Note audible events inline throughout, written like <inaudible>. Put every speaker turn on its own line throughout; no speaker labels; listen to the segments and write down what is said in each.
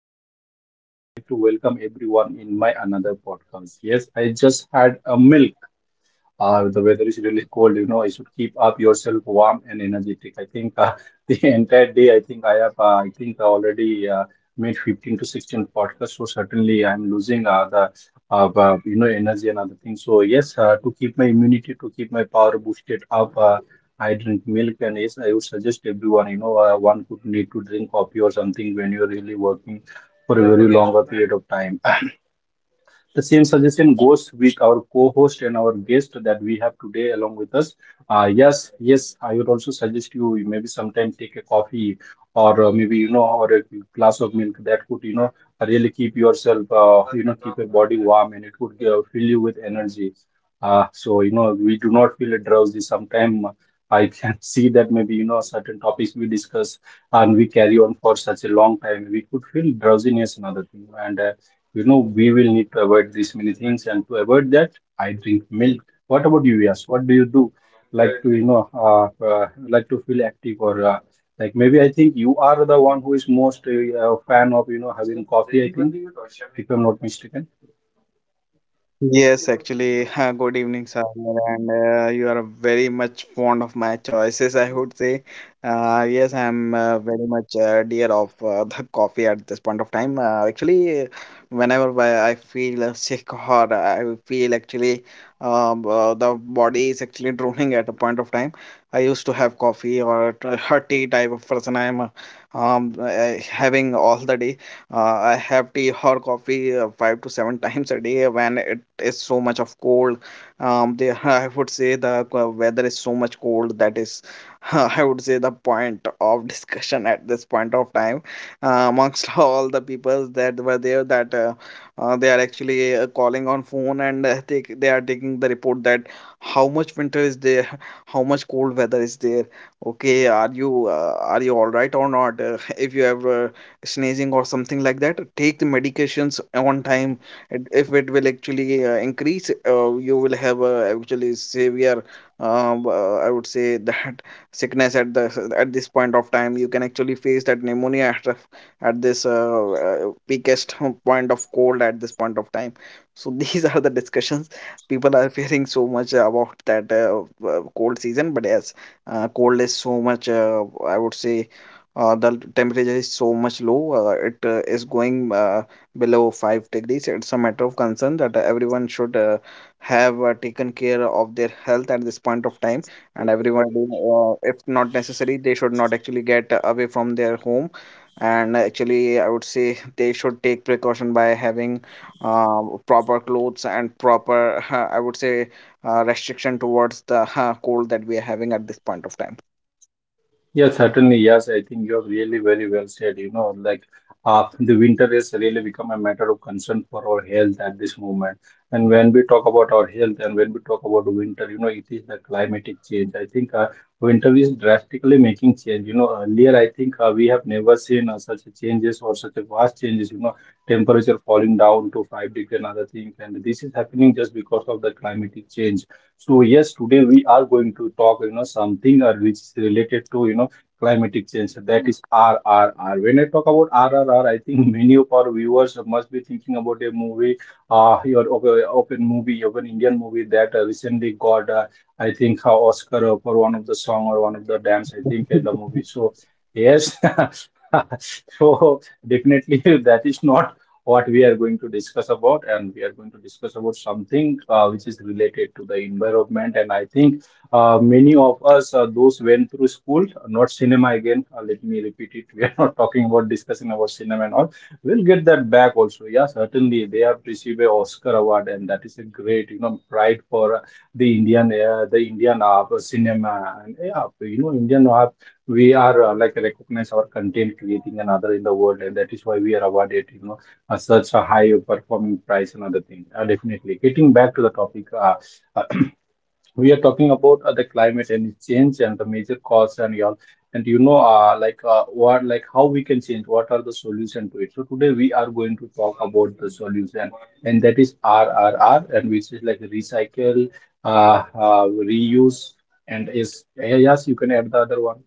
host Saver, and I would like to welcome everyone in my another podcast. Yes, I just had a milk. The weather is really cold, you know. You should keep up yourself warm and energetic. I think <laughs> the entire day, I think I already made 15 to 16 podcasts. So certainly I'm losing energy and other things. So yes, to keep my immunity, to keep my power boosted up, I drink milk. And yes, I would suggest everyone, one could need to drink coffee or something when you're really working for a very longer period of time. The same suggestion goes with our co-host and our guest that we have today along with us. Yes, yes, I would also suggest you maybe sometime take a coffee or maybe you know or a glass of milk that could really keep yourself keep your body warm, and it would fill you with energy. So we do not feel drowsy. Sometimes I can <laughs> see that maybe certain topics we discuss and we carry on for such a long time, we could feel drowsiness and other thing. And we will need to avoid these many things, and to avoid that, I drink milk. What about you, Yas? What do you do? Like to, like to feel active, or like maybe I think you are the one who is most fan of, having coffee, I think, if I'm not mistaken.
Yes, actually, <laughs> good evening, Sagar, and you are very much fond of my choices, I would say. Yes, I'm very much dear of <laughs> the coffee at this point of time. Actually, whenever I feel sick or I feel actually the body is actually <laughs> drooling at a point of time, I used to have coffee or <laughs> a tea type of person I am um, uh, having all the day. I have tea or coffee five to seven <laughs> times a day when it is so much of cold. The <laughs> I would say the weather is so much cold that is, <laughs> I would say the point of discussion at this point of time, amongst <laughs> all the people that were there that they are actually calling on phone and they are taking the report that how much winter is there, <laughs> how much cold weather is there. Okay, are you all right or not? <laughs> If you have sneezing or something like that, take the medications on time, and if it will actually increase, you will have actually severe I would say that <laughs> sickness at the at this point of time, you can actually face that pneumonia at this weakest <laughs> point of cold at this point of time. So <laughs> these are the discussions people are fearing so much about that cold season. But yes, cold is so much I would say the temperature is so much low. It is going below 5 degrees. It's a matter of concern that everyone should have taken care of their health at this point of time. And everyone, if not necessary, they should not actually get away from their home. And actually, I would say they should take precaution by having uh, proper clothes and proper, <laughs> I would say, restriction towards the <laughs> cold that we are having at this point of time.
Yeah, certainly. Yes, I think you have really very well said. The winter is really become a matter of concern for our health at this moment. And when we talk about our health and when we talk about winter, it is the climatic change. I think winter is drastically making change. Earlier I think we have never seen such a changes or such a vast changes. Temperature falling down to 5 degree and other things, and this is happening just because of the climatic change. So yes, today we are going to talk, something which is related to, climatic change. So that is RRR. When I talk about RRR, I think many of our viewers must be thinking about a movie, your op- open movie, open Indian movie that recently got, Oscar for one of the song or one of the dance, I think, in the movie. So, yes, <laughs> so definitely that is not what we are going to discuss about, and we are going to discuss about something which is related to the environment. And I think many of us, those went through school, not cinema again. Let me repeat it. <laughs> We are not talking about discussing about cinema and all. We'll get that back also. Yeah, certainly they have received an Oscar award, and that is a great, pride for the Indian cinema. And yeah, Indian, we are like recognize our content creating and other in the world, and that is why we are awarded, such a high performing prize and other thing. Definitely. Getting back to the topic. <clears throat> We are talking about the climate and change and the major cause and all, and like, what, like, how we can change, what are the solution to it, so today we are going to talk about the solution, and that is RRR, and which is like recycle, uh, uh, reuse, and is eh, yes you can add the other one.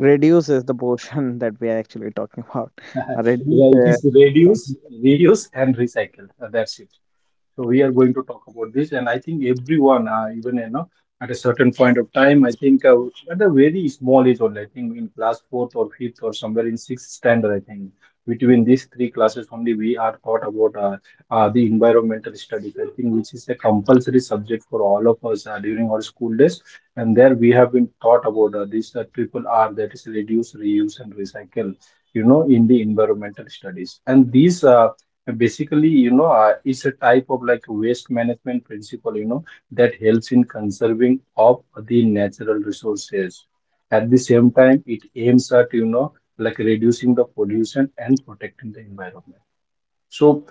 Reduces the portion <laughs> that we are actually talking about.
<laughs>
Reduce.
Yeah, it is reduce, reuse and recycle. That's it. So we are going to talk about this, and I think everyone, even at a certain point of time, I think at a very small age only, I think in class fourth or fifth or somewhere in sixth standard, I think between these three classes only we are taught about the environmental studies. I think which is a compulsory subject for all of us during our school days, and there we have been taught about this triple R, that is reduce, reuse, and recycle. In the environmental studies, and these. Basically, it's a type of like waste management principle, that helps in conserving of the natural resources. At the same time, it aims at, like reducing the pollution and protecting the environment. So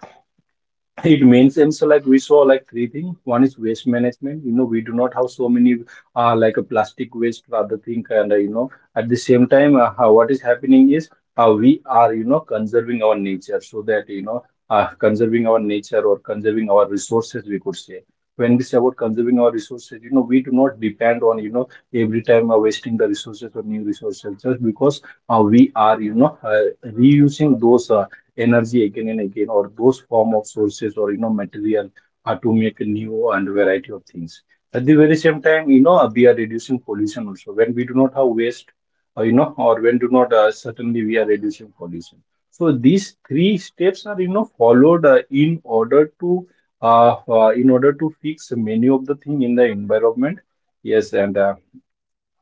it means it's like we saw like three things, one is waste management, we do not have so many like a plastic waste or other thing, and at the same time, what is happening is, we are, conserving our nature, so that, conserving our nature or conserving our resources, we could say. When we say about conserving our resources, we do not depend on, every time wasting the resources or new resources, just because we are, reusing those, energy again and again, or those form of sources or material, are to make new and variety of things. At the very same time, we are reducing pollution also when we do not have waste, or when do not, certainly we are reducing pollution. So these three steps are followed in order to, fix many of the thing in the environment. Yes, and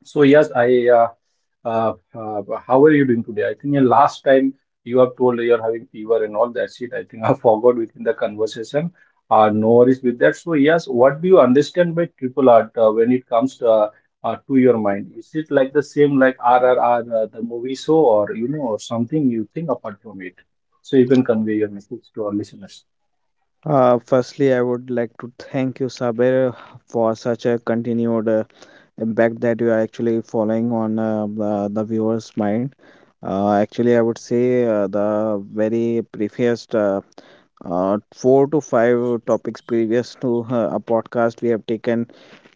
so yes, I. How are you doing today? I think the last time you have told you're having fever and all that shit. I think I <laughs> forgot within the conversation. No worries with that. So yes, what do you understand by triple R when it comes to your mind? Is it like the same like RRR the movie show, or something you think apart from it? So you can convey your message to our listeners.
Firstly, I would like to thank you, Sabir, for such a continued impact that you are actually following on the viewer's mind. Actually, I would say the very previous four to five topics previous to a podcast we have taken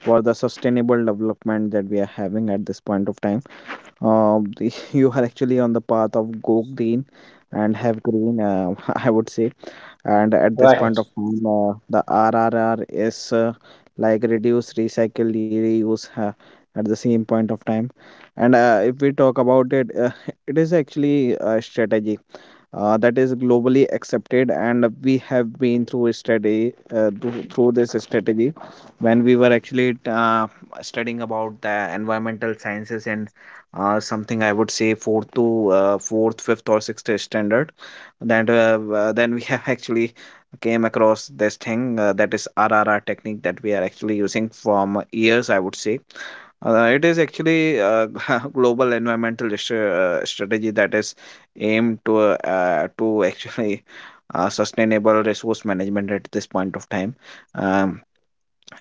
for the sustainable development that we are having at this point of time. Um, <laughs> you are actually on the path of go green and have green, <laughs> I would say, and at this
Right.
point of time the rrr is like reduce, recycle, reuse, at the same point of time. And if we talk about it, <laughs> it is actually a strategy that is globally accepted, and we have been through a study through this strategy when we were actually studying about the environmental sciences and something I would say fourth, fifth, or sixth standard, that then we <laughs> have actually came across this thing that is RRR technique that we are actually using from years, I would say. It is actually a <laughs> global strategy that is aimed to actually sustainable resource management at this point of time. Um,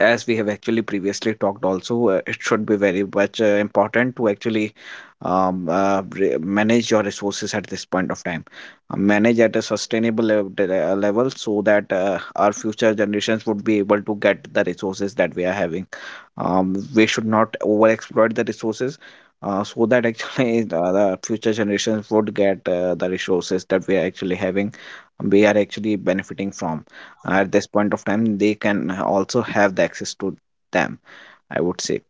as we have actually previously talked also, it should be very much important to actually manage your resources at this point of time. Manage at a level so that our future generations would be able to get the resources that we are having. We should not over exploit the resources, so that actually <laughs> the future generations would get the resources that we are actually having, we are actually benefiting from at this point of time. They can also have the access to them, I would say.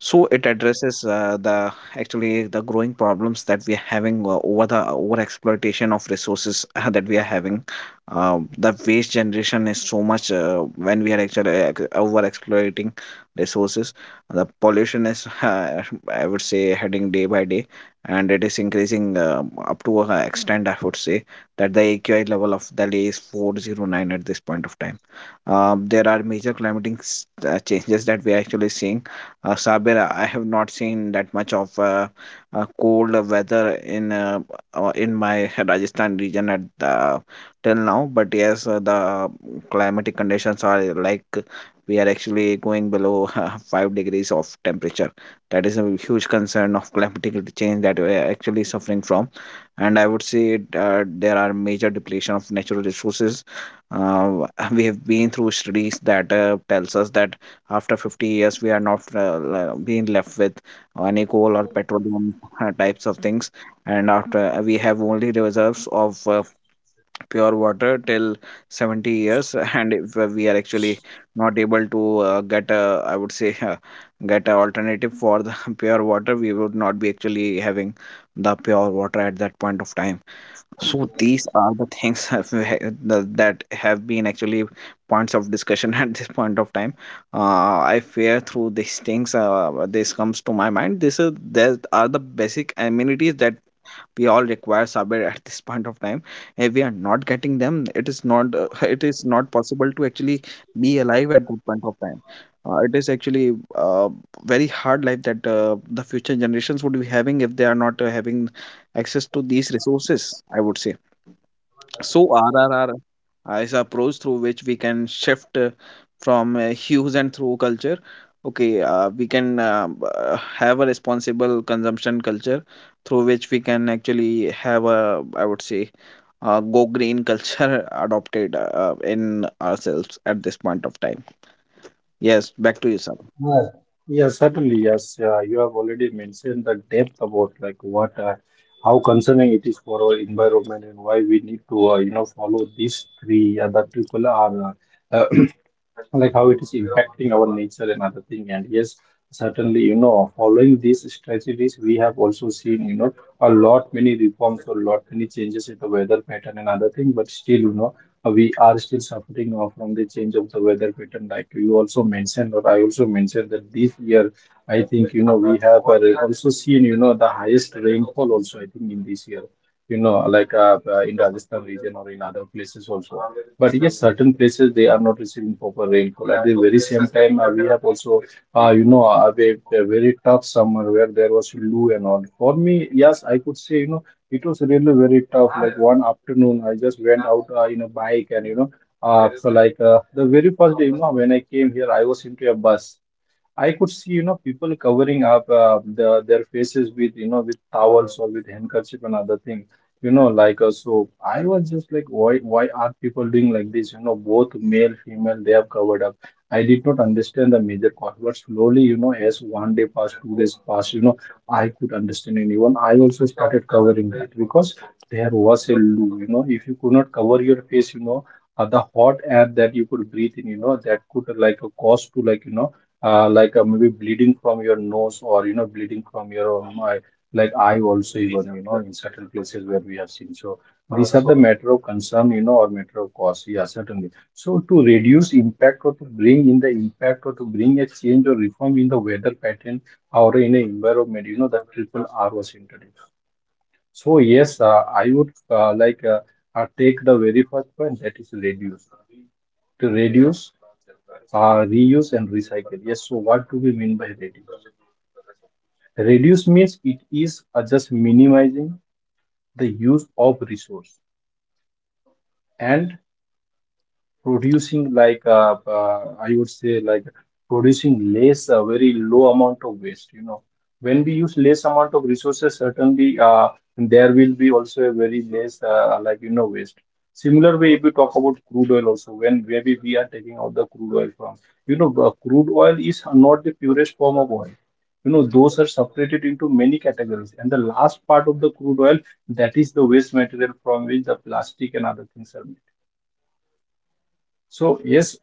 So it addresses the actually the growing problems that we are having over the over exploitation of resources that we are having. The waste generation is so much when we are actually over exploiting resources, the pollution is <laughs> I would say heading day by day, and it is increasing up to an extent, I would say, that the AQI level of Delhi is 409 at this point of time. There are major changes that we are actually seeing. Sabir, I have not seen that much of cold weather in my Rajasthan region at the, till now. But yes, the climatic conditions are like we are actually going below <laughs> 5 degrees of temperature. That is a huge concern of climatic change that we are actually suffering from, and I would say it, there are major depletion of natural resources. <laughs> We have been through studies that tells us that after 50 years, we are not being left with any coal or petroleum types of things. And after we have only reserves of pure water till 70 years, <laughs> and if we are actually not able to get a, I would say, <laughs> get an alternative for the <laughs> pure water, we would not be actually having the pure water at that point of time. So these are the things <laughs> that have been actually points of discussion <laughs> at this point of time. I fear through these things. This comes to my mind. This is these are the basic amenities that we all require somewhere at this point of time. If we are not getting them, it is not <laughs> it is not possible to actually be alive at that point of time. It is actually very hard life that the future generations would be having if they are not having access to these resources, I would say. So RRR, is approach through which we can shift from hues and through culture. Okay, we can have a responsible consumption culture through which we can actually have a, I would say, go green culture <laughs> adopted in ourselves at this point of time. Yes, back to you,
Yeah, yeah, certainly. Yes, you have already mentioned the depth about like what, how concerning it is for our environment and why we need to, follow these three, the triple R. Uh, <clears throat> like how it is impacting our nature and other thing, and yes, certainly, following these strategies we have also seen, a lot many reforms or lot many changes in the weather pattern and other thing, but still, we are still suffering from the change of the weather pattern, like you also mentioned or I also mentioned, that this year I think, we have also seen, the highest rainfall also I think in this year, like, in Rajasthan region or in other places also. But yes, certain places they are not receiving proper rainfall. At the very same time, we have also, a, a very tough summer where there was loo and all. For me, yes, I could say, it was really very tough. Like one afternoon, I just went out in a bike, and, for like, the very first day, when I came here, I was into a bus. I could see, people covering up their faces with, with towels or with handkerchief and other things, so. I was just like, why are people doing like this? Both male, female, they have covered up. I did not understand the major cause, but slowly, as one day passed, two days passed, I could understand anyone. I also started covering that because there was a loo, if you could not cover your face, the hot air that you could breathe in, that could cause to maybe bleeding from your nose or bleeding from your eye, like eye also even in certain places where we have seen. So these are the matter of concern, or matter of cause. Yeah, certainly. So to reduce impact or to bring in the impact or to bring a change or reform in the weather pattern or in the environment, the triple R was introduced. So yes, I would take the very first point, that is reduce. To reduce, uh, reuse and recycle. Yes. So what do we mean by reduce? Reduce means it is just minimizing the use of resource and producing I would say like producing less, a very low amount of waste. When we use less amount of resources, certainly there will be also a very less waste. Similar way, if you talk about crude oil also, when maybe we are taking out the crude oil from, crude oil is not the purest form of oil. You know, those are separated into many categories, and the last part of the crude oil, that is the waste material from which the plastic and other things are made. So yes,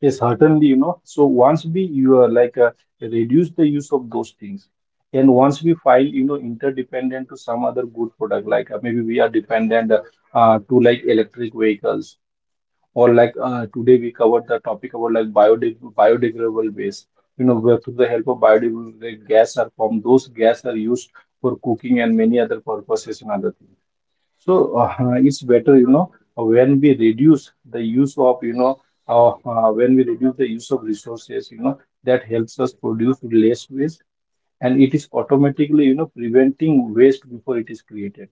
yes, certainly, you know. So once we you are reduce the use of those things, and once we find interdependent to some other good product, maybe we are dependent to like electric vehicles, or today we covered the topic about like biodegradable waste. You know, where through the help of biodegradable gas are formed. Those gas are used for cooking and many other purposes and other things. So it's better, you know, when we reduce the use of, when we reduce the use of resources, you know, that helps us produce less waste, and it is automatically, you know, preventing waste before it is created.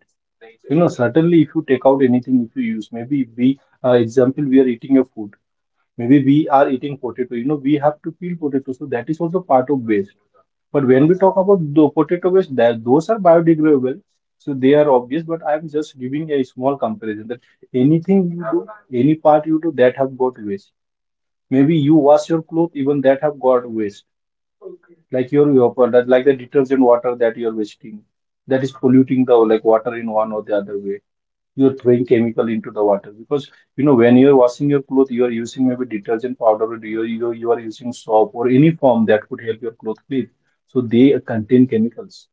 You know, certainly if you take out anything, if you use, maybe we, example, we are eating a food, maybe we are eating potato. You know, we have to peel potato, so that is also part of waste. But when we talk about the potato waste, that those are biodegradable, so they are obvious. But I am just giving a small comparison that anything you do, any part you do, that have got waste. Maybe you wash your clothes, even that have got waste, like your product, like the detergent water that you are wasting, that is polluting the like water in one or the other way. You're throwing chemical into the water because, you know, when you're washing your clothes, you are using maybe detergent powder, or you are using soap or any form that could help your clothes clean, so they contain chemicals.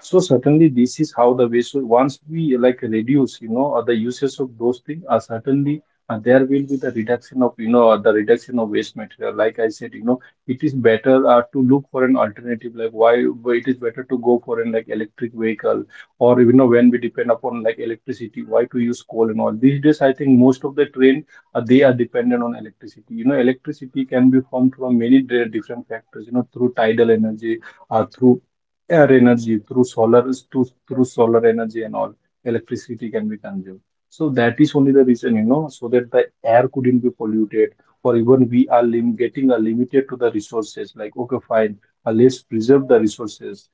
So certainly this is how the waste. So once we like reduce, the uses of those things, certainly there will be the reduction of, the reduction of waste material. Like I said, you know, it is better to look for an alternative. Like why it is better to go for an like electric vehicle, or you know, when we depend upon like electricity, why to use coal and all. These days, I think most of the train, they are dependent on electricity. You know, electricity can be formed from many different factors. You know, through tidal energy, through air energy, through solar, through solar energy, and all electricity can be consumed. So that is only the reason, you know, so that the air couldn't be polluted, or even we are getting a limited to the resources. Like okay, fine, let's preserve the resources,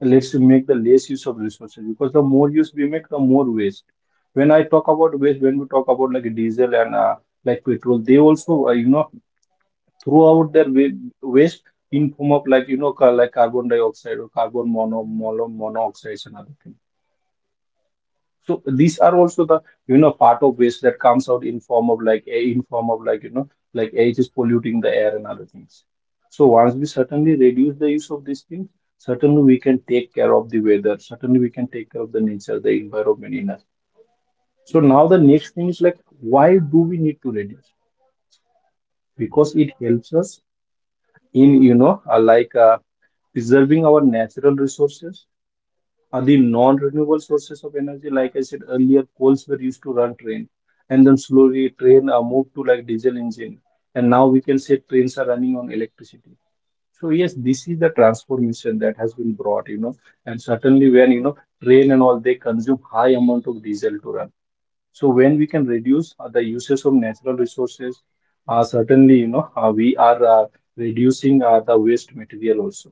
let's make the less use of resources, because the more use we make, the more waste. When I talk about waste, when we talk about like diesel and like petrol, they also throughout their waste in form of like carbon dioxide or carbon mono monoxides and other things. So these are also the, part of waste that comes out in form of like a in form of like air, is polluting the air and other things. So once we certainly reduce the use of these things, certainly we can take care of the weather, certainly we can take care of the nature, the environment in us. So now the next thing is like, why do we need to reduce? Because it helps us in, preserving our natural resources, are the non-renewable sources of energy. Like I said earlier, coals were used to run train, and then slowly train moved to like diesel engine, and now we can say trains are running on electricity. So yes, this is the transformation that has been brought, you know, and certainly, when you know, train and all, they consume high amount of diesel to run. So when we can reduce the uses of natural resources, certainly you know we are reducing the waste material also.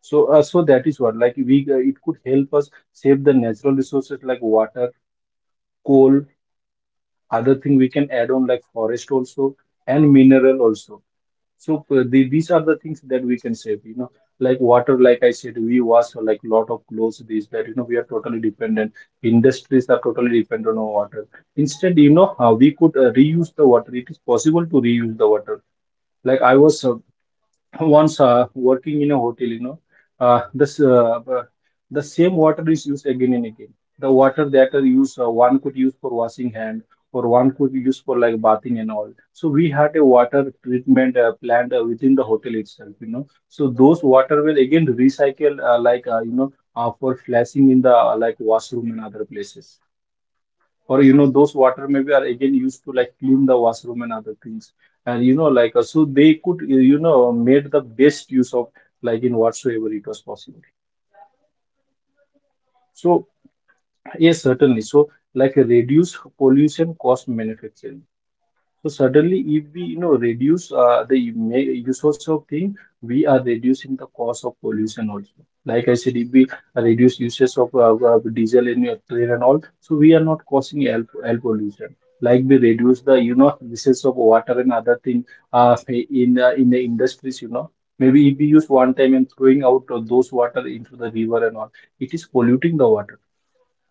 So, so that is what, like we, it could help us save the natural resources like water, coal, other thing we can add on like forest also, and mineral also. So the, these are the things that we can save, you know, like water. Like I said, we wash like lot of clothes, this, that, you know, we are totally dependent. Industries are totally dependent on water. Instead, you know, how we could reuse the water. It is possible to reuse the water. Like I was once working in a hotel, you know, this the same water is used again and again. The water that are used, one could use for washing hand, or one could use for like bathing and all. So we had a water treatment plant within the hotel itself, you know. So those water will again recycle, for flashing in the like washroom and other places, or you know, those water maybe are again used to like clean the washroom and other things. And so they could made the best use of, like in whatsoever it was possible. So yes, certainly. So, like reduce pollution, cost, manufacturing. So suddenly, if we you know reduce usage of thing, we are reducing the cost of pollution also. Like I said, if we reduce usage of diesel and train and all, so we are not causing air pollution. Like we reduce the you know usage of water and other thing in the industries, you know. Maybe if we use one time and throwing out of those water into the river and all, it is polluting the water.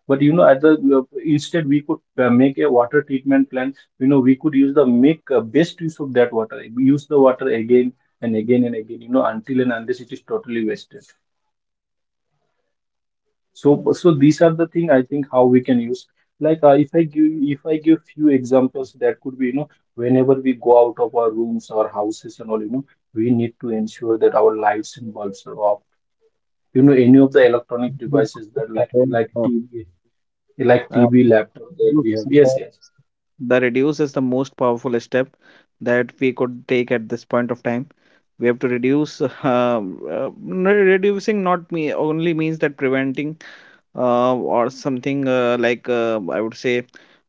But you know, at the instead we could make a water treatment plant. You know, we could use the make best use of that water. We use the water again and again and again. You know, until and unless it is totally wasted. So, so these are the thing, I think, how we can use. Like if I give few examples, that could be, you know, whenever we go out of our rooms, our houses, and all, you know, we need to ensure that our lights and bulbs are off. You know, any of the electronic devices that like
sir.
TV, like TV, laptop that we have. Yes, yes.
The reduce is the most powerful step that we could take at this point of time. We have to reduce. <laughs> Uh, n- reducing not me only means that preventing or something like I would say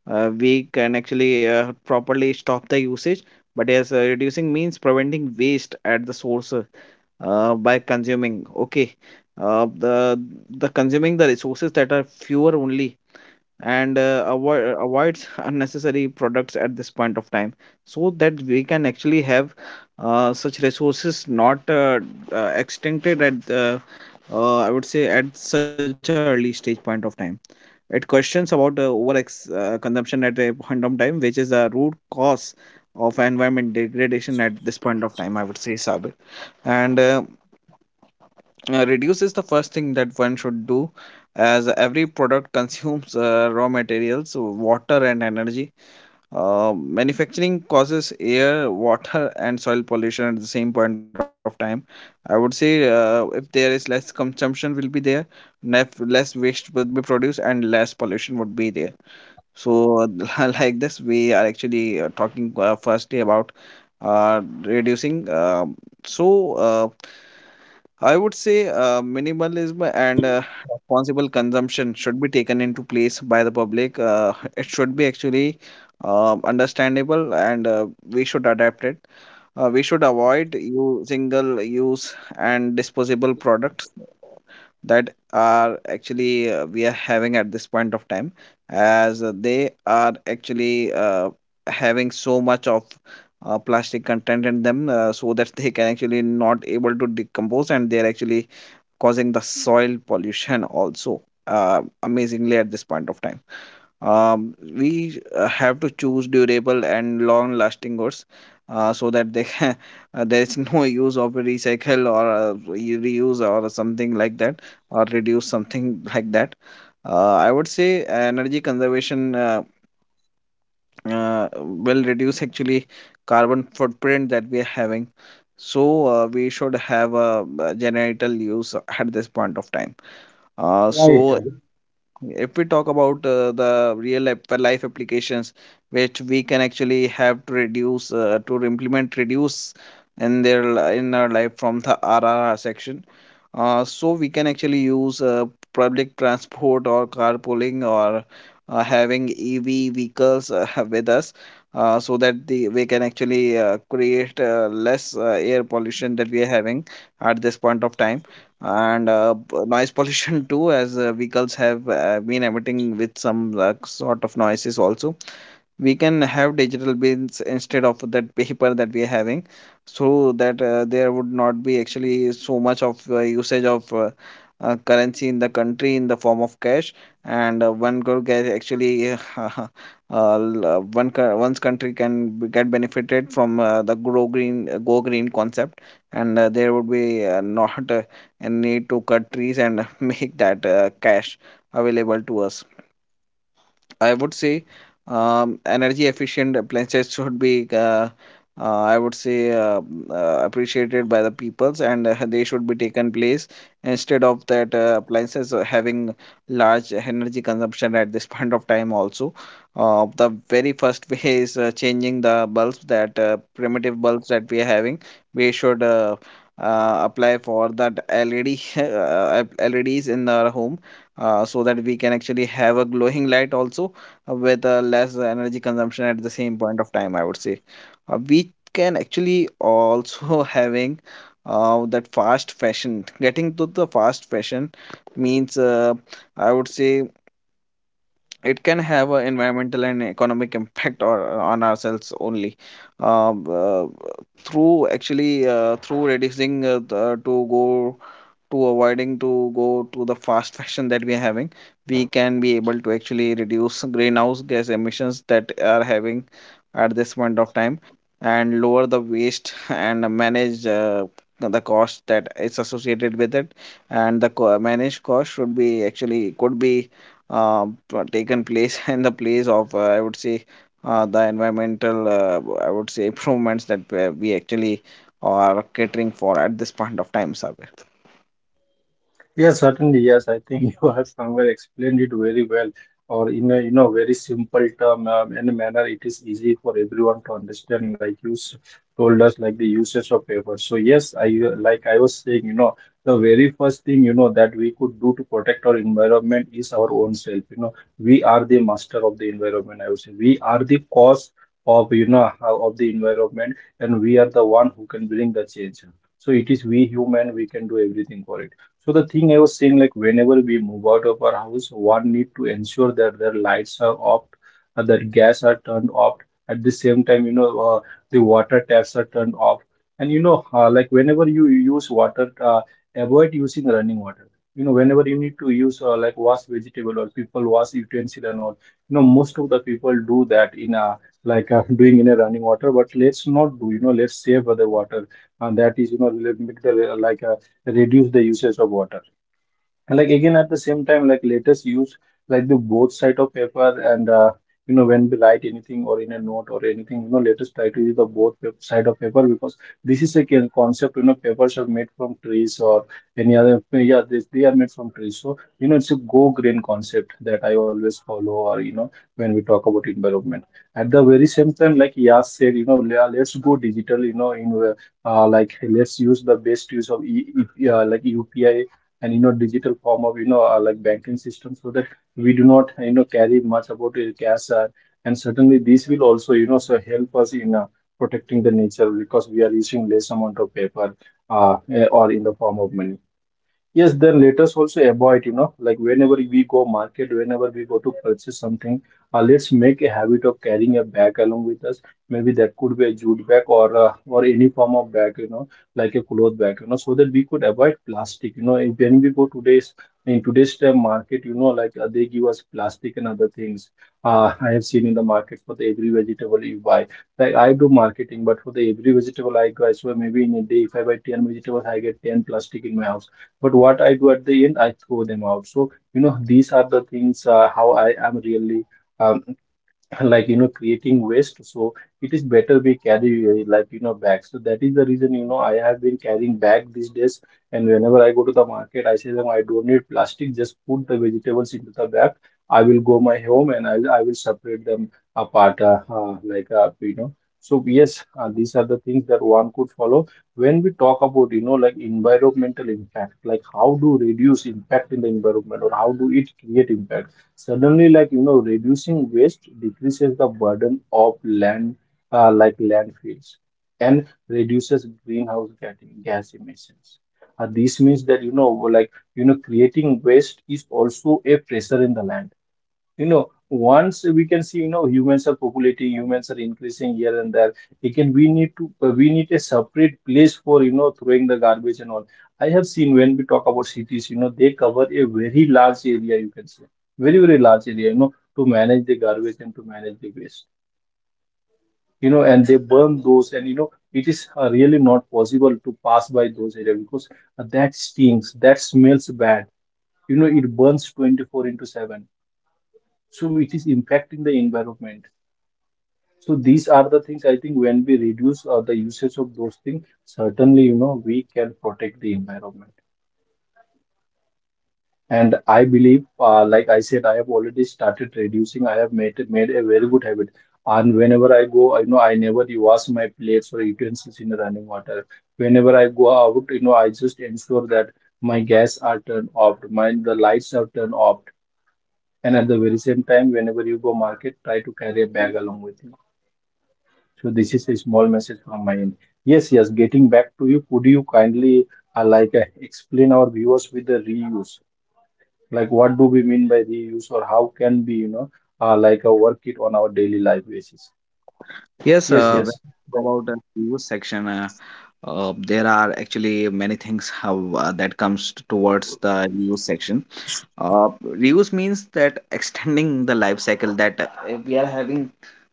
we can actually properly stop the usage. But yes, reducing means preventing waste at the source by consuming. Okay, uh, the the consuming the resources that are fewer only, and avoids unnecessary products at this point of time, so that we can actually have such resources not extincted at the, I would say, at such a early stage point of time. It questions about consumption at a point of time, which is the root cause of environment degradation at this point of time, I would say, Sabir. And reduce is the first thing that one should do, as every product <laughs> consumes raw materials, so water and energy, manufacturing causes air, water, and soil pollution at the same point of time, I would say. If there is less consumption will be there, less waste would be produced and less pollution would be there. So <laughs> like this we are actually talking firstly about reducing, so uh, I would say minimalism and responsible consumption should be taken into place by the public. It should be actually understandable, and we should adapt it. We should avoid you single use and disposable products that are actually we are having at this point of time, as they are actually having so much of plastic content in them so that they can actually not able to decompose, and they are actually causing the soil pollution also amazingly at this point of time. We have to choose durable and long-lasting goods so that they can, <laughs> there is <laughs> no use of recycle or reuse or something like that, or reduce something like that. I would say energy conservation will reduce actually carbon footprint that we are having. So we should have a, generator use at this point of time. Uh,
Right.
so if we talk about the life applications which we can actually have to reduce to implement reduce in in our life from the R R R section, so we can actually use public transport or carpooling or having EV vehicles <laughs> with us, so that the we can actually create less air pollution that we are having at this point of time, and noise pollution <laughs> too, as vehicles have been emitting with some sort of noises also. We can have digital bins instead of that paper that we are having, so that there would not be actually so much of usage of currency in the country in the form of cash. And one could get actually <laughs> uh, one's country can get benefited from the grow green go green concept. And there would be not a need to cut trees and <laughs> make that cash available to us, I would say. Energy efficient appliances should be, I would say, appreciated by the peoples, and they should be taken place instead of that appliances having large energy consumption at this <laughs> point of time also. The very first <laughs> way is changing the bulbs, that primitive bulbs that we are having. We should apply for that LED <laughs> LEDs in our home, so that we can actually have a glowing light also, with less energy consumption at the same point of time. I would say we can actually also <laughs> having that fast fashion, getting to the fast fashion means, I would say, it can have an environmental and economic impact or on ourselves only. um, uh, Through actually through reducing the, to go to avoiding to go to the fast <laughs> fashion that we are having, we can be able to actually reduce greenhouse gas emissions that are having at this point of time, and lower the waste <laughs> and manage the cost that is associated with it. And managed cost should be actually could be uh, taken place <laughs> in the place of, I would say, the environmental, I would say, improvements that we actually are catering for at this point of time, Sabir.
Yes, certainly. Yes, I think <laughs> you have somewhere explained it very well, or in a you know very simple term and manner. It is easy for everyone to understand, like you told us, like the usage of paper. So yes, I like I was saying, you know, the very first thing you know that we could do to protect our environment is our own self. You know, we are the master of the environment. I would say we are the cause of you know of the environment, and we are the one who can bring the change. So it is we human. We can do everything for it. So the thing I was saying, like whenever we move out of our house, one need to ensure that their lights are off, their gas are turned off. At the same time, the water taps are turned off. And you know, like whenever you use water, avoid using running water. You know, whenever you need to use like wash vegetable or people wash utensil and all, you know, most of the people do that in a doing in a running water. But let's not do. You know, let's save the water, and that is you know, let- make the like reduce the usage of water. And like again at the same time, like let us use like the both side of paper. And you know when we write anything or in a note or anything, you know, let us try to use the side of paper, because this is a concept. You know, papers are made from trees or any other, yeah, this they are made from trees. So, you know, it's a go green concept that I always follow, or you know, when we talk about environment. At the very same time, like Yas said, you know, let's go digital, you know, in like let's use the best use of like UPI and you know digital form of, you know, like banking system, so that we do not, you know, carry much about cash. And certainly this will also, you know, so help us in protecting the nature, because we are using less amount of paper, or in the form of money. Yes, then let us also avoid, you know, like whenever we go market, whenever we go to purchase something, let's make a habit of carrying a bag along with us. Maybe that could be a jute bag, or any form of bag, you know, like a cloth bag, you know, so that we could avoid plastic. You know, when we go today's in today's time market, you know, they give us plastic and other things. I have seen in the market, for the every vegetable you buy. Like I do marketing, but for the every vegetable I buy, so maybe in a day, if I buy 10 vegetables, I get 10 plastic in my house. But what I do at the end, I throw them out. So, you know, these are the things, how I am really um, <laughs> like, you know, creating waste. So it is better we carry, like you know, bags. So that is the reason, you know, I have been carrying bag these days. And whenever I go to the market, I say them I don't need plastic, just put the vegetables into the bag. I will go my home and I will separate them apart. You know, so yes, these are the things that one could follow when we talk about, you know, like environmental impact, like how do reduce impact in the environment or how do it create impact. Suddenly, like you know, reducing waste decreases the burden of land, like landfills, and reduces greenhouse gas gas emissions. This means that, you know, like you know, creating waste is also a pressure in the land. You know, once we can see, you know, humans are populating, humans are increasing here and there. Again we need to, we need a separate place for, you know, throwing the garbage and all. I have seen when we talk about cities, you know, they cover a very large area, you can say, very very large area, you know, to manage the garbage and to manage the waste, you know. And they burn those, and you know, it is, really not possible to pass by those areas, because that stinks, that smells bad. You know, it burns 24 into 7, so it is impacting the environment. So these are the things, I think, when we reduce the usage of those things, certainly, you know, we can protect the environment. And I believe, like I said, I have already started reducing. I have made a very good habit. And whenever I go, I know I never wash my plates or utensils in running water. Whenever I go out, you know, I just ensure that my gas are turned off, my the lights are turned off. And at the very same time, whenever you go market, try to carry a bag along with you. So this is a small message from my end. Yes, yes. Getting back to you, could you kindly explain our viewers with the reuse? Like what do we mean by reuse, or how can we, you know, work it on our daily life basis?
Yes,
Yes,
when we
yes.
talk
Right.
about the news section, there are actually many things how, that comes towards the news section. Reuse means that extending the life cycle, that if we are having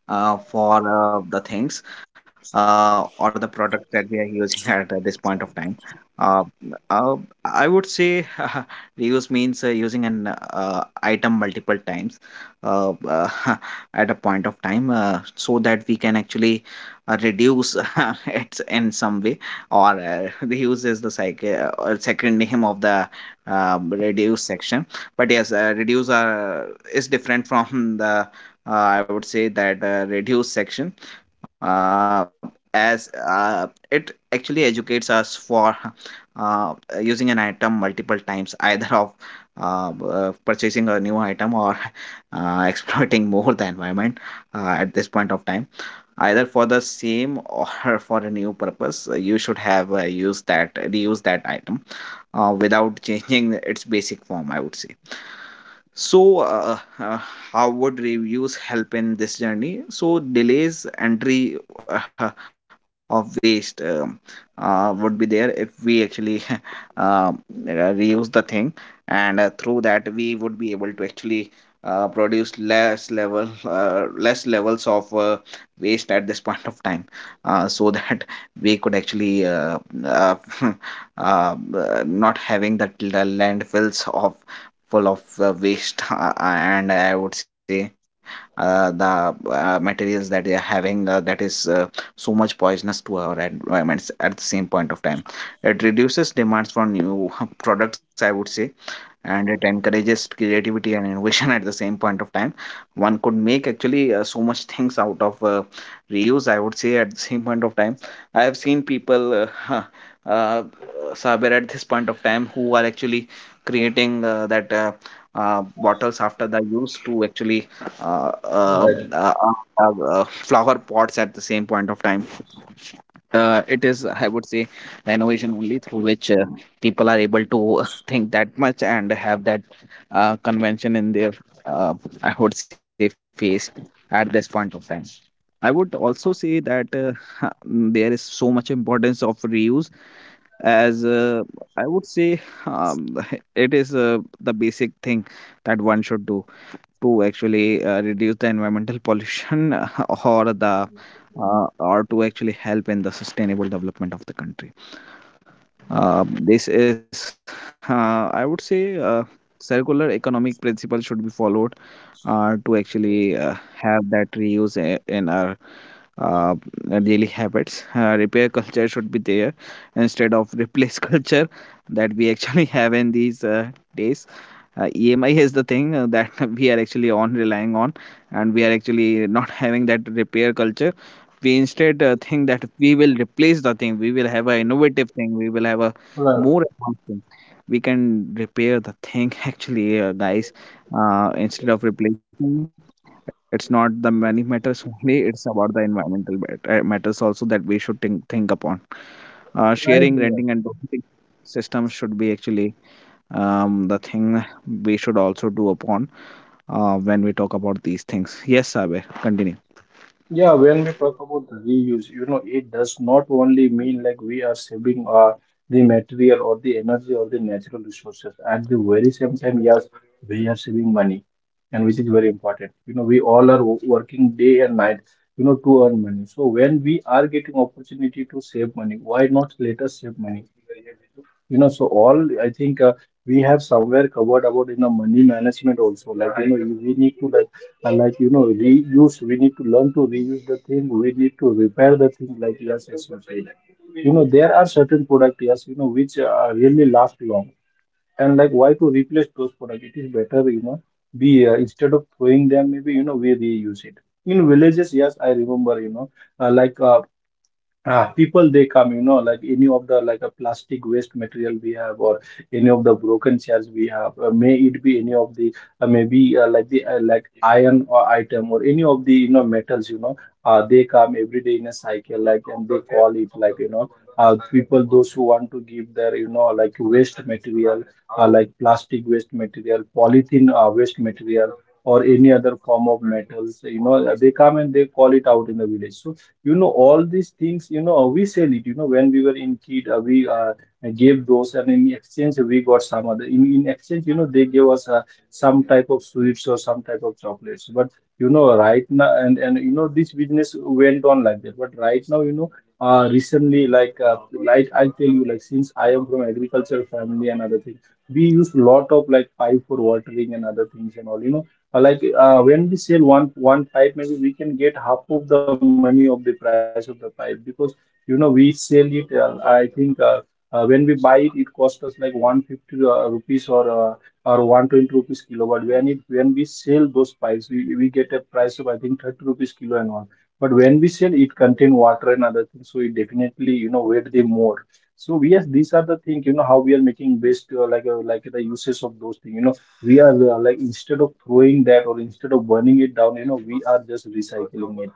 for the things or the product that we are using <laughs> at this point of time. Uh, uh, I would say <laughs> reuse means using an item multiple times uh, uh, <laughs> at a point of time, so that we can actually reduce <laughs> it in some way. Or <laughs> reuse is the cycle or second name of the reduce section. But yes, reduce are is different from <laughs> the, I would say, that reduce section, as it actually educates us for <laughs> uh, using an item multiple times, <laughs> either of purchasing a new item or <laughs> exploiting more the environment at this point of time, either for the same or <laughs> for a new purpose. You should have used that reuse that item without <laughs> changing its basic form, I would say. So, how would reviews help in this journey? So, delays entry of waste would be there if we actually <laughs> uh, reuse the thing, and through that we would be able to actually produce less levels of waste at this <laughs> point of time, so that <laughs> we could actually uh, <laughs> uh, uh, not having that landfills of full of waste, <laughs> and I would say the materials that they are having, that is so much poisonous to our environments at the same point of time. It reduces demands for new <laughs> products, I would say, and it encourages creativity and innovation <laughs> at the same point of time. One could make actually so much things out of reuse, I would say, at the same point of time. I have seen people, <laughs> uh, Saber, at this point of time, who are actually creating that. Bottles after the use to actually uh, uh, uh, flower pots at the same point of time. It is, I would say, the innovation only through which people are able to <laughs> think that much and have that convention in their, uh, I would say, face at this point of time. I would also say that <laughs> there is so much importance of reuse, as, I would say, um, <laughs> it is the basic thing that one should do to actually reduce the environmental pollution <laughs> or the, or to actually help in the sustainable development of the country. Uh, this is, I would say, circular economic principle should be followed to actually have that reuse in our uh, daily habits. Repair culture should be there instead of replace <laughs> culture that we actually have in these days. EMI <laughs> is the thing that <laughs> we are actually on relying on, and we are actually <laughs> not having that repair culture. We instead think that we will replace the thing, we will have an innovative thing, we will have a
Right.
more advanced thing. We can repair the thing <laughs> actually, guys, instead of replacing. It's not the money matters <laughs> only, it's about the environmental matters also that we should think upon. Sharing,
Right.
renting, and donating system should be actually the thing we should also do upon when we talk about these things. Yes, Saber, continue.
Yeah, when we talk about the reuse, you know, it does not only mean like we are saving the material or the energy or the natural resources. At the very same time, yes, we are saving money, and which is very important. You know, we all are working day and night, you know, to earn money. So when we are getting opportunity to save money, why not let us save money? You know, so all I think, we have somewhere covered about, you know, money management also. Like you know, we need to like, and like you know, reuse. We need to learn to reuse the thing. We need to repair the thing. Like yes, as you said, you know, there are certain products, yes, you know, which, really last long. And like, why to replace those products? It is better, you know, be instead of throwing them, maybe you know, we reuse it. In villages, yes, I remember, you know, uh, like uh, ah, people they come, you know, like any of the a plastic waste material we have, or any of the broken chairs we have. May it be any of the, maybe like the like iron or item, or any of the, you know, metals, you know, they come every day in a cycle, like, and they call it like you know, people those who want to give their, you know, like waste material, like plastic waste material, polythene waste material, or any other form of metals, you know, they come and they call it out in the village. So, you know, all these things, you know, we sell it. You know, when we were in kid, we gave those, and in exchange we got some other, in exchange, you know, they gave us some type of sweets or some type of chocolates. But you know, right now, and you know, this business went on like that. But right now, you know, recently, like I tell you, like since I am from agricultural family and other things, we use lot of like pipe for watering and other things and all, you know. When we sell one pipe, maybe we can get half of the money of the price of the pipe, because you know we sell it. I think, when we buy it, it cost us like 150 rupees, or 120 rupees kilo. But when we sell those pipes, we get a price of I think 30 rupees kilo and all. But when we sell, it contain water and other things, so it definitely, you know, weight the more. So yes, these are the things, you know, how we are making best the uses of those things. You know, we are, like, instead of throwing that or instead of burning it down, you know, we are just recycling it.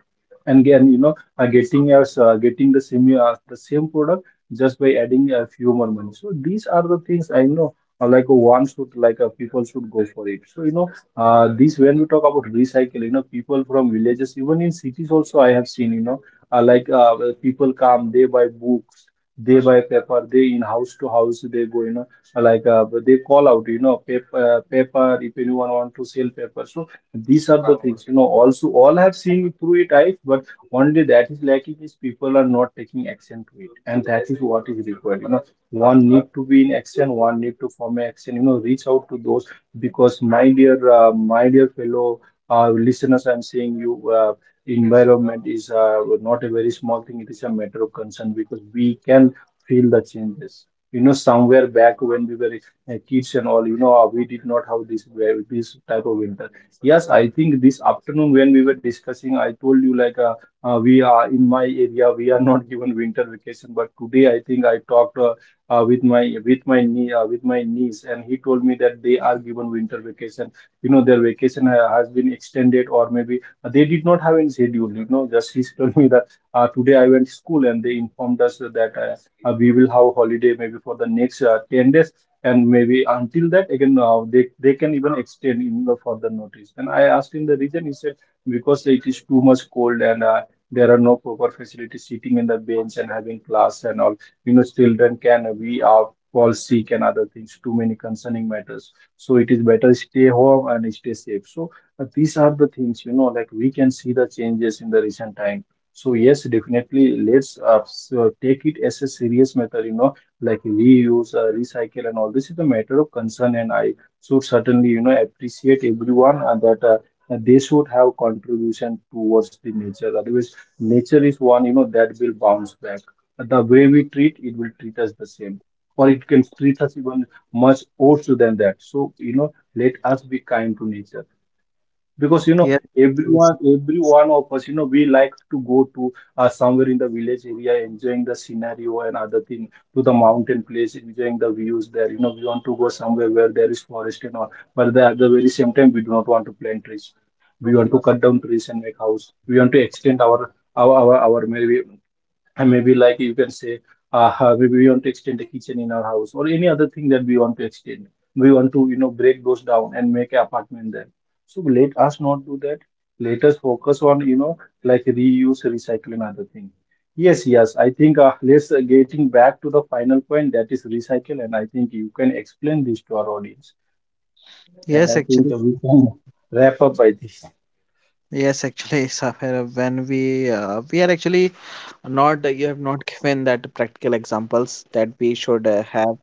And again, you know, getting the same, the same product, just by adding a few more money. So these are the things I know, one should like, people should go for it. So you know, this when we talk about recycling, you know, people from villages, even in cities also, I have seen, you know, uh, like uh, people come, they buy books, they buy paper, they in house to house they go, you know, they call out, you know, paper, paper, if anyone want to sell paper. So these are the things, you know, also all have seen through it, I. But only that is lacking is people are not taking action to it, and that is what is required, you know. One need to be in action, one need to form an action, you know, reach out to those. Because my dear, my dear fellow listeners, I'm saying you, environment is not a very small thing. It is a matter of concern because we can feel the changes. You know, somewhere back when we were kids and all, you know, we did not have this this type of winter. Yes, I think this afternoon when we were discussing, I told you, like, we are in my area, we are not given winter vacation, but today I think I talked, with my niece, and he told me that they are given winter vacation. You know, their vacation has been extended, or maybe they did not have any schedule, you know. Just he <laughs> told me that today I went school, and they informed us that we will have holiday maybe for the next 10 days, and maybe until that again, they can even extend in the further notice. And I asked him the reason. He said because it is too much cold, and there are no proper facilities sitting in the bench and having class and all. You know, children can be fall sick and other things. Too many concerning matters. So it is better stay home and stay safe. So these are the things, you know, like we can see the changes in the recent time. So yes, definitely, let's take it as a serious matter, you know, like reuse, recycle, and all this is a matter of concern. And I should certainly, you know, appreciate everyone that they should have contribution towards the nature. Otherwise, nature is one, you know, that will bounce back. The way we treat it will treat us the same, or it can treat us even much worse than that. So, you know, let us be kind to nature, because, you know, every one of us, you know, we like to go to somewhere in the village area enjoying the scenario and other thing, to the mountain place enjoying the views there. You know, we want to go somewhere where there is forest and all. But at the very same time, we do not want to plant trees. We want to cut down trees and make house. We want to extend our maybe, and maybe, like, you can say, maybe we want to extend the kitchen in our house, or any other thing that we want to extend. We want to, you know, break those down and make an apartment there. So let us not do that. Let us focus on, you know, like reuse, recycling, other thing. Yes, yes, I think let's getting back to the final point, that is recycle, and I think you can explain this to our audience. And
Yes,
I think
actually,
we can wrap up by this.
yes, actually, Safira, when we are actually not, you have not <laughs> given that practical examples that we should have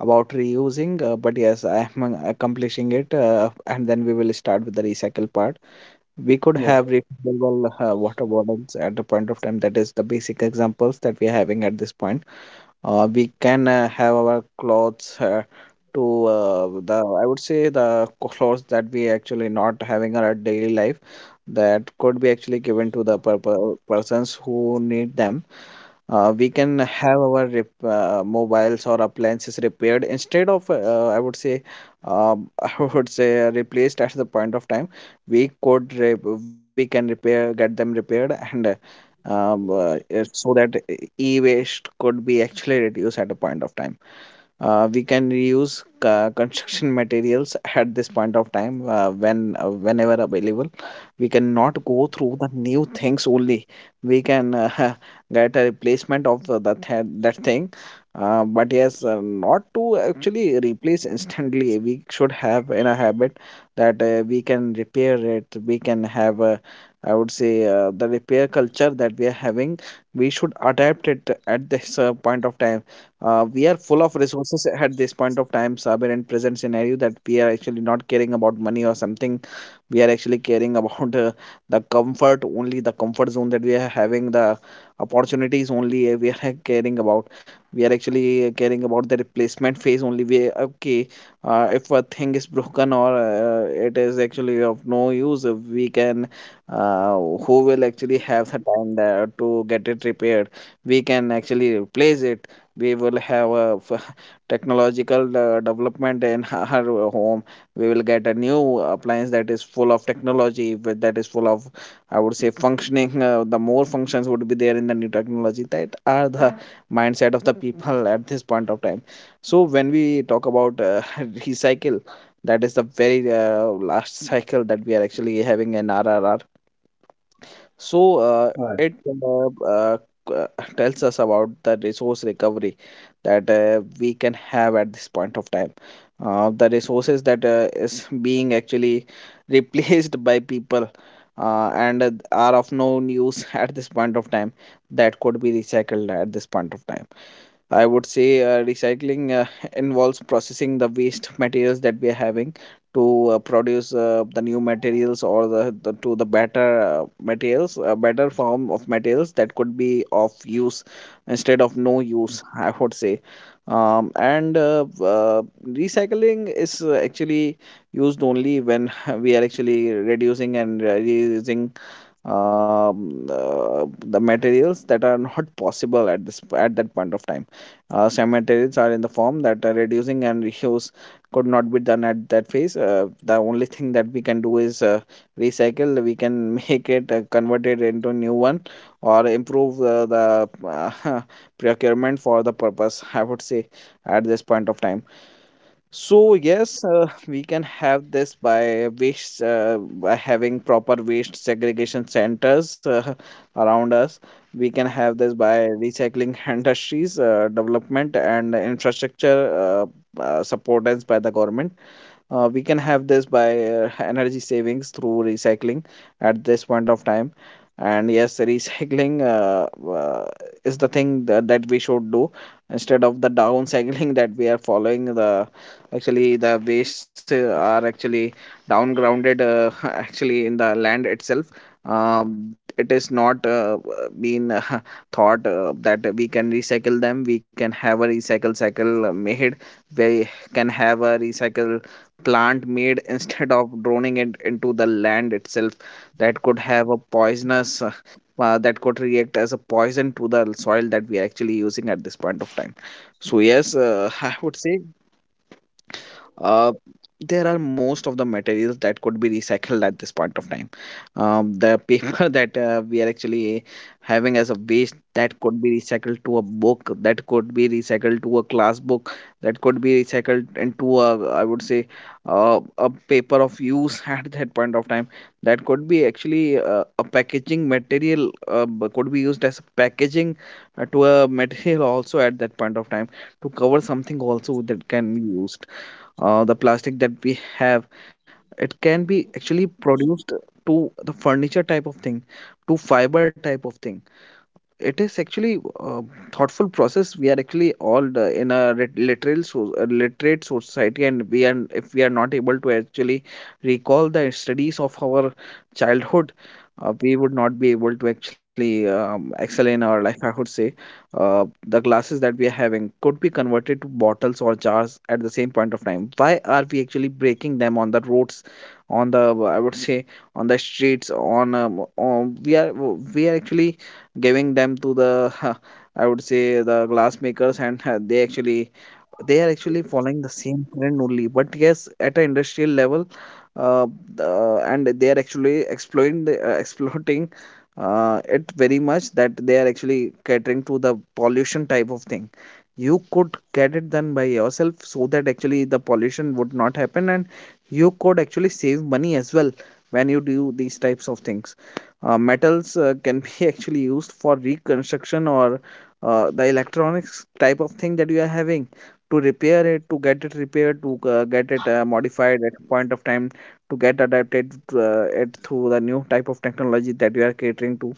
about reusing, but yes, I am accomplishing it, and then we will start with the recycle part. We could have
Yes.
refillable water bottles at the point of time. That is the basic examples that we are having at this point. We can have our clothes to the, I would say, the clothes that we actually not having in our daily life, that could be actually given to the persons who need them. We can have our mobiles or appliances repaired instead of, I would say, <laughs> I would say replaced at the point of time. We could we can repair get them repaired, and so that e-waste could be actually reduced at a point of time. We can reuse construction <laughs> materials at this point of time, whenever available. We cannot go through the new things only. We can <laughs> get a replacement of that thing. But yes, not to actually replace instantly. We should have in a habit that we can repair it. We can have a, I would say, the repair culture that we are having. We should adapt it at this point of time. We are full of resources at this point of time, Sabir, and present scenario, that we are actually not caring about money or something, we are actually caring <laughs> about, the comfort only, the comfort zone that we are having, the opportunities only, we are <laughs> caring about. We are actually caring about the replacement phase only, we okay, if a thing is broken or it is actually of no use, we can, who will actually have the time there to get it repaired, we can actually replace it. We will have a <laughs> technological development in <laughs> our home. We will get a new appliance that is full of technology that is full of, I would say, functioning, the more functions would be there in the new technology, that are the mindset of the people at this point of time. So when we talk about <laughs> recycle, that is the very last cycle that we are actually having in R R. So
All right.
it uh, uh, c- uh, tells us about the resource recovery that we can have at this point of time. The resources that is being actually <laughs> replaced by people and are of no use <laughs> at this point of time that could be recycled at this point of time. I would say recycling <laughs> involves processing the waste materials that we are having to produce the new materials or the better materials, a better form of materials that could be of use instead of no use, I would say. And Recycling is actually used only when <laughs> we are actually reducing and reusing the materials that are not possible at this at that point of time. Cemeteries are in the form that reducing and reuse could not be done at that phase. The only thing that we can do is recycle. We can <laughs> make it convert it into new one or improve the <laughs> procurement for the purpose. I would say at this point of time. So yes, <laughs> we can have this by waste by having proper waste segregation centers <laughs> around us. We can have this by recycling <laughs> industries, development and infrastructure supported by the government. We can have this by <laughs> energy savings through recycling at this point of time. And yes, <laughs> recycling is the thing that we should do instead of the downcycling <laughs> that we are following. The actually the wastes are actually downgrounded <laughs> actually in the land itself. It is not been <laughs> thought that we can recycle them. We can have a recycle cycle made. We can have a recycle plant made instead of droning it into the land itself. That could have a poisonous that could react as a poison to the soil that we are actually using at this point of time. So yes, <laughs> I would say uh, there are most of the materials that could be recycled at this point of time. The paper <laughs> that we are actually having as a waste that could be recycled to a book, that could be recycled to a class book, that could be recycled into a, I would say, a paper of use <laughs> at that point of time. That could be actually a packaging material, could be used as a packaging to a material also at that point of time, to cover something also that can be used. The plastic that we have, it can be actually produced to the furniture type of thing, to fiber type of thing. It is actually a thoughtful process. We are actually all the- in a lit- literal, so, a literate society, and we are if we are not able to actually recall the studies of our childhood, we would not be able to actually excel in our life. I would say uh, the glasses that we are having could be converted to bottles or jars at the same point of time. Why are we actually breaking them on the roads? On the, I would say, on the streets, on we are actually giving them to the <laughs> I would say the glass makers, and <laughs> they actually, they are actually following the same trend only, but yes, at an industrial level. uh, and they are actually exploiting the, <laughs> exploiting it very much, that they are actually catering to the pollution type of thing. You could get it done by yourself so that actually the pollution would not happen, and you could actually save money as well when you do these types of things. Uh, metals can be <laughs> actually used for reconstruction, or the electronics type of thing that you are having, to repair it, to get it repaired, to get it modified at point of time, to get adapted to it through the new type of technology that you are catering to.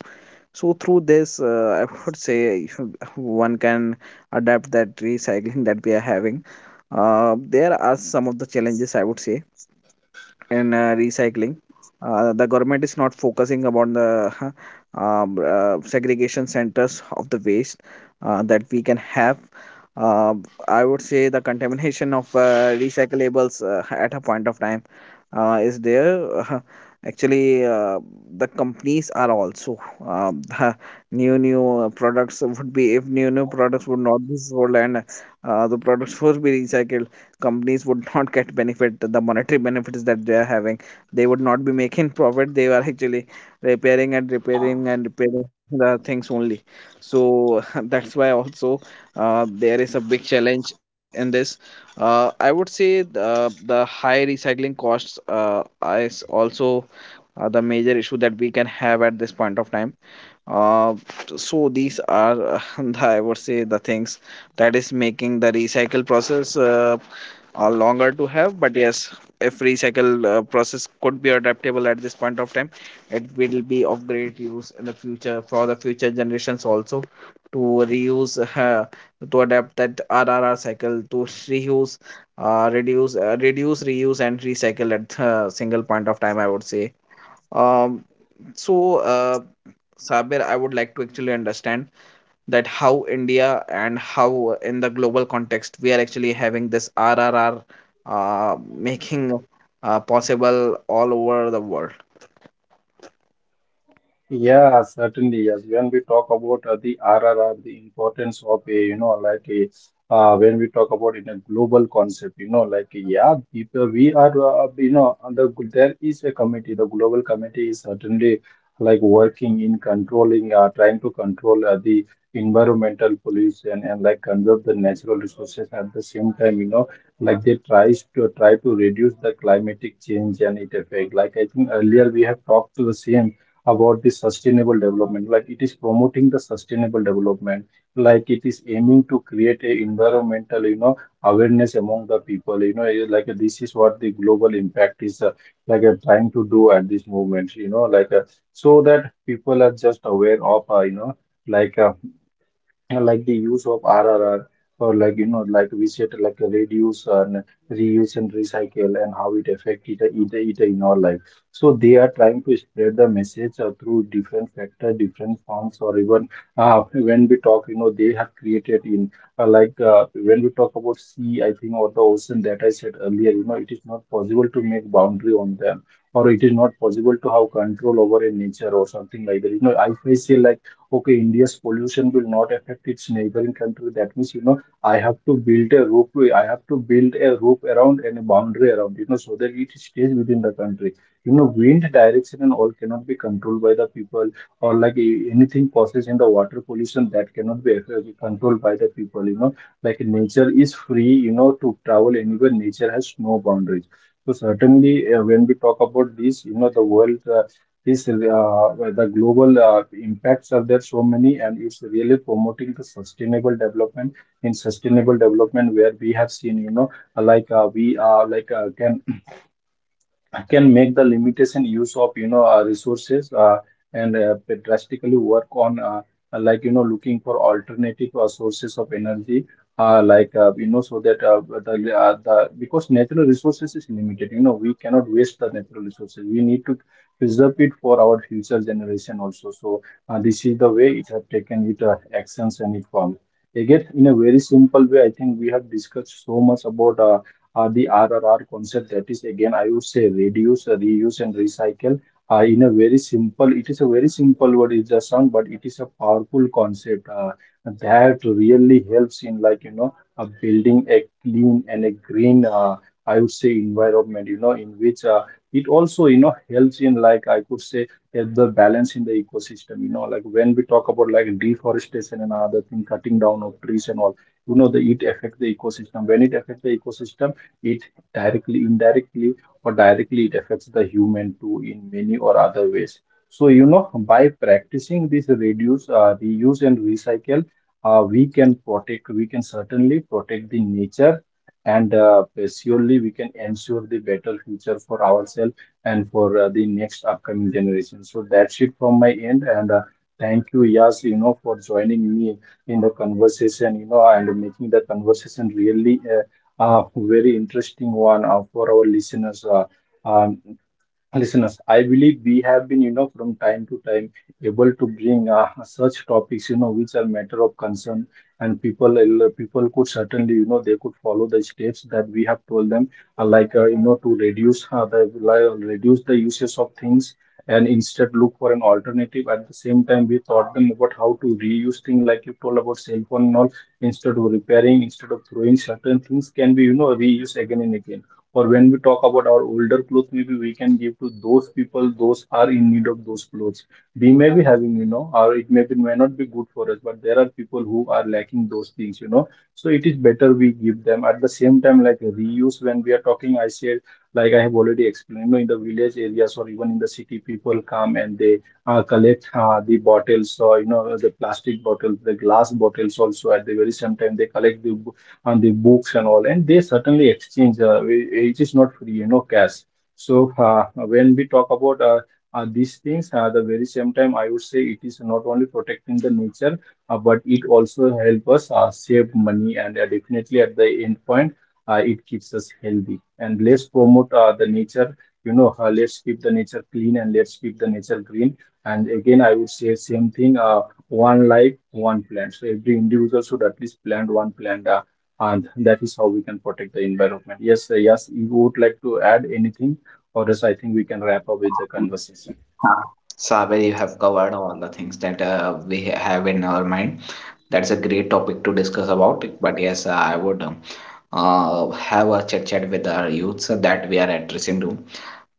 So through this, I would say, <laughs> one can adapt that recycling that we are having. There are some of the challenges, I would say, in recycling. The government is not focusing about the <laughs> segregation centers of the waste that we can have. Uh, I would say the contamination of recyclables at a point of time is there. <laughs> Actually, the companies are also uh, <laughs> the new new products would be if new new products would not be sold and the products would be recycled, companies would <laughs> not get benefit, the monetary benefits that they are having. They would not be making <laughs> profit. They are actually repairing the things only. So <laughs> that's why also there is a big challenge in this. Uh, I would say the high recycling costs is also the major issue that we can have at this point of time. Uh, so these are, <laughs> I would say, the things that is making the recycle process longer to have. But yes, if recycle process could be adaptable at this point of time, it will be of great use in the future for the future generations also to reuse, <laughs> to adapt that RRR cycle to reuse, reduce, reuse, and recycle at single point of time. I would say. Um, so. Uh, Sabir, I would like to actually understand that how India and how in the global context we are actually having this RRR making possible all over the world.
Yeah, certainly. Yes, when we talk about the R, R R, the importance of a, you know, like a, when we talk about in a global concept, you know, like, yeah, people we are, you know, under, there is a committee. The global committee is certainly like working in controlling, trying to control the environmental pollution, and like conserve the natural resources at the same time. You know, like they tries to try to reduce the climatic change and its effect. Like, I think earlier we have talked to the same about the sustainable development, like it is promoting the sustainable development, like it is aiming to create a environmental, you know, awareness among the people, you know, like, this is what the global impact is, like, trying to do at this moment, you know, like, so that people are just aware of, you know, like, like the use of RRR, or, like, you know, like we said, like reduce and reuse and recycle, and how it affect it in our life. So they are trying to spread the message through different factor, different forms, or even, when we talk, you know, they have created in like, when we talk about sea, I think, or the ocean that I said earlier, you know, it is not possible to make boundary on them, or it is not possible to have control over a nature or something like that, you know. I say, like, okay, India's pollution will not affect its neighboring country. That means, you know, I have to build a roof. I have to build a roof around, and a boundary around, you know, so that it stays within the country. You know, wind direction and all cannot be controlled by the people, or like, anything process in the water pollution, that cannot be controlled by the people, you know. Like, nature is free, you know, to travel anywhere. Nature has no boundaries. So certainly, when we talk about this, you know, the world, is the global impacts are there so many, and it's really promoting the sustainable development. In sustainable development, where we have seen, you know, like, we like, can make the limitation use of, you know, resources, and drastically work on, like, you know, looking for alternative sources of energy, like, you know, so that the, because natural resources is limited, you know, we cannot waste the natural resources, we need to preserve it for our future generation also. So this is the way it have taken it actions and it form. Again, in a very simple way, I think we have discussed so much about the RRR concept, that is again, I would say, reduce, reuse and recycle. In a very simple It is a very simple word, it's a song, but it is a powerful concept that really helps in, like, you know, building a clean and a green, I would say, environment, you know, in which it also, you know, helps in, like, I could say, the balance in the ecosystem, you know, like when we talk about, like, deforestation and other thing, cutting down of trees and all, you know, the it affect the ecosystem. When it affect the ecosystem, it directly, indirectly, or directly, it affects the human too in many or other ways. So, you know, by practicing this reduce, reuse, and recycle, we can certainly protect the nature, and surely we can ensure the better future for ourselves and for the next upcoming generation. So, that's it from my end, and thank you, Yas, you know, for joining me in the conversation, you know, and making the conversation really very interesting one for our listeners. Um, Listeners, I believe we have been, you know, from time to time, able to bring such topics, you know, which are matter of concern, and people could certainly, you know, they could follow the steps that we have told them, like, you know, to reduce the uses of things, and instead look for an alternative. At the same time, we taught them about how to reuse things, like you told about cell phone and all. Instead of repairing, instead of throwing, certain things can be, you know, reused again and again, or when we talk about our older clothes, maybe we can give to those people those are in need of those clothes. We may be having, you know, or it may be, may not be good for us, but there are people who are lacking those things, you know. So it is better we give them. At the same time, like reuse, when we are talking, I said, like, I have already explained, you know, in the village areas, or even in the city, people come and they collect the bottles, or, you know, the plastic bottles, the glass bottles, also at the very same time they collect the, and the books and all, and they certainly exchange. It is not free, you know, cash. So when we talk about these things, at the very same time, I would say it is not only protecting the nature, but it also help us save money, and definitely at the end point, it keeps us healthy. And let's promote the nature. You know, let's keep the nature clean, and let's keep the nature green. And again, I would say same thing. One life, one plant. So every individual should at least plant one plant, and that is how we can protect the environment. Yes, yes, you would like to add anything, or else I think we can wrap up with the conversation.
Saber, you have covered all the things that we have in our mind. That's a great topic to discuss about. But yes, I would have a chit chat with our youths that we are addressing to.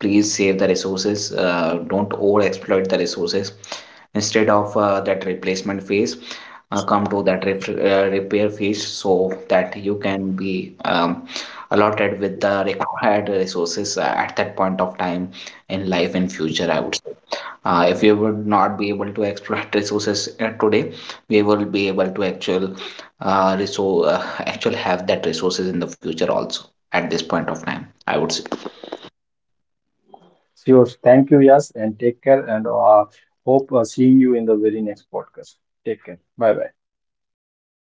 Please save the resources, don't over exploit the resources. Instead of that replacement phase, come to that repair phase so that you can be allotted with the <laughs> required resources at that point of time in life and future. I would say if we would not be able to exploit <laughs> resources today, we will be able to actual have that resources in the future also at this point of time, I would say.
Sure. Thank you, yes, and take care, and hope seeing you in the very next podcast. Take care. Bye bye.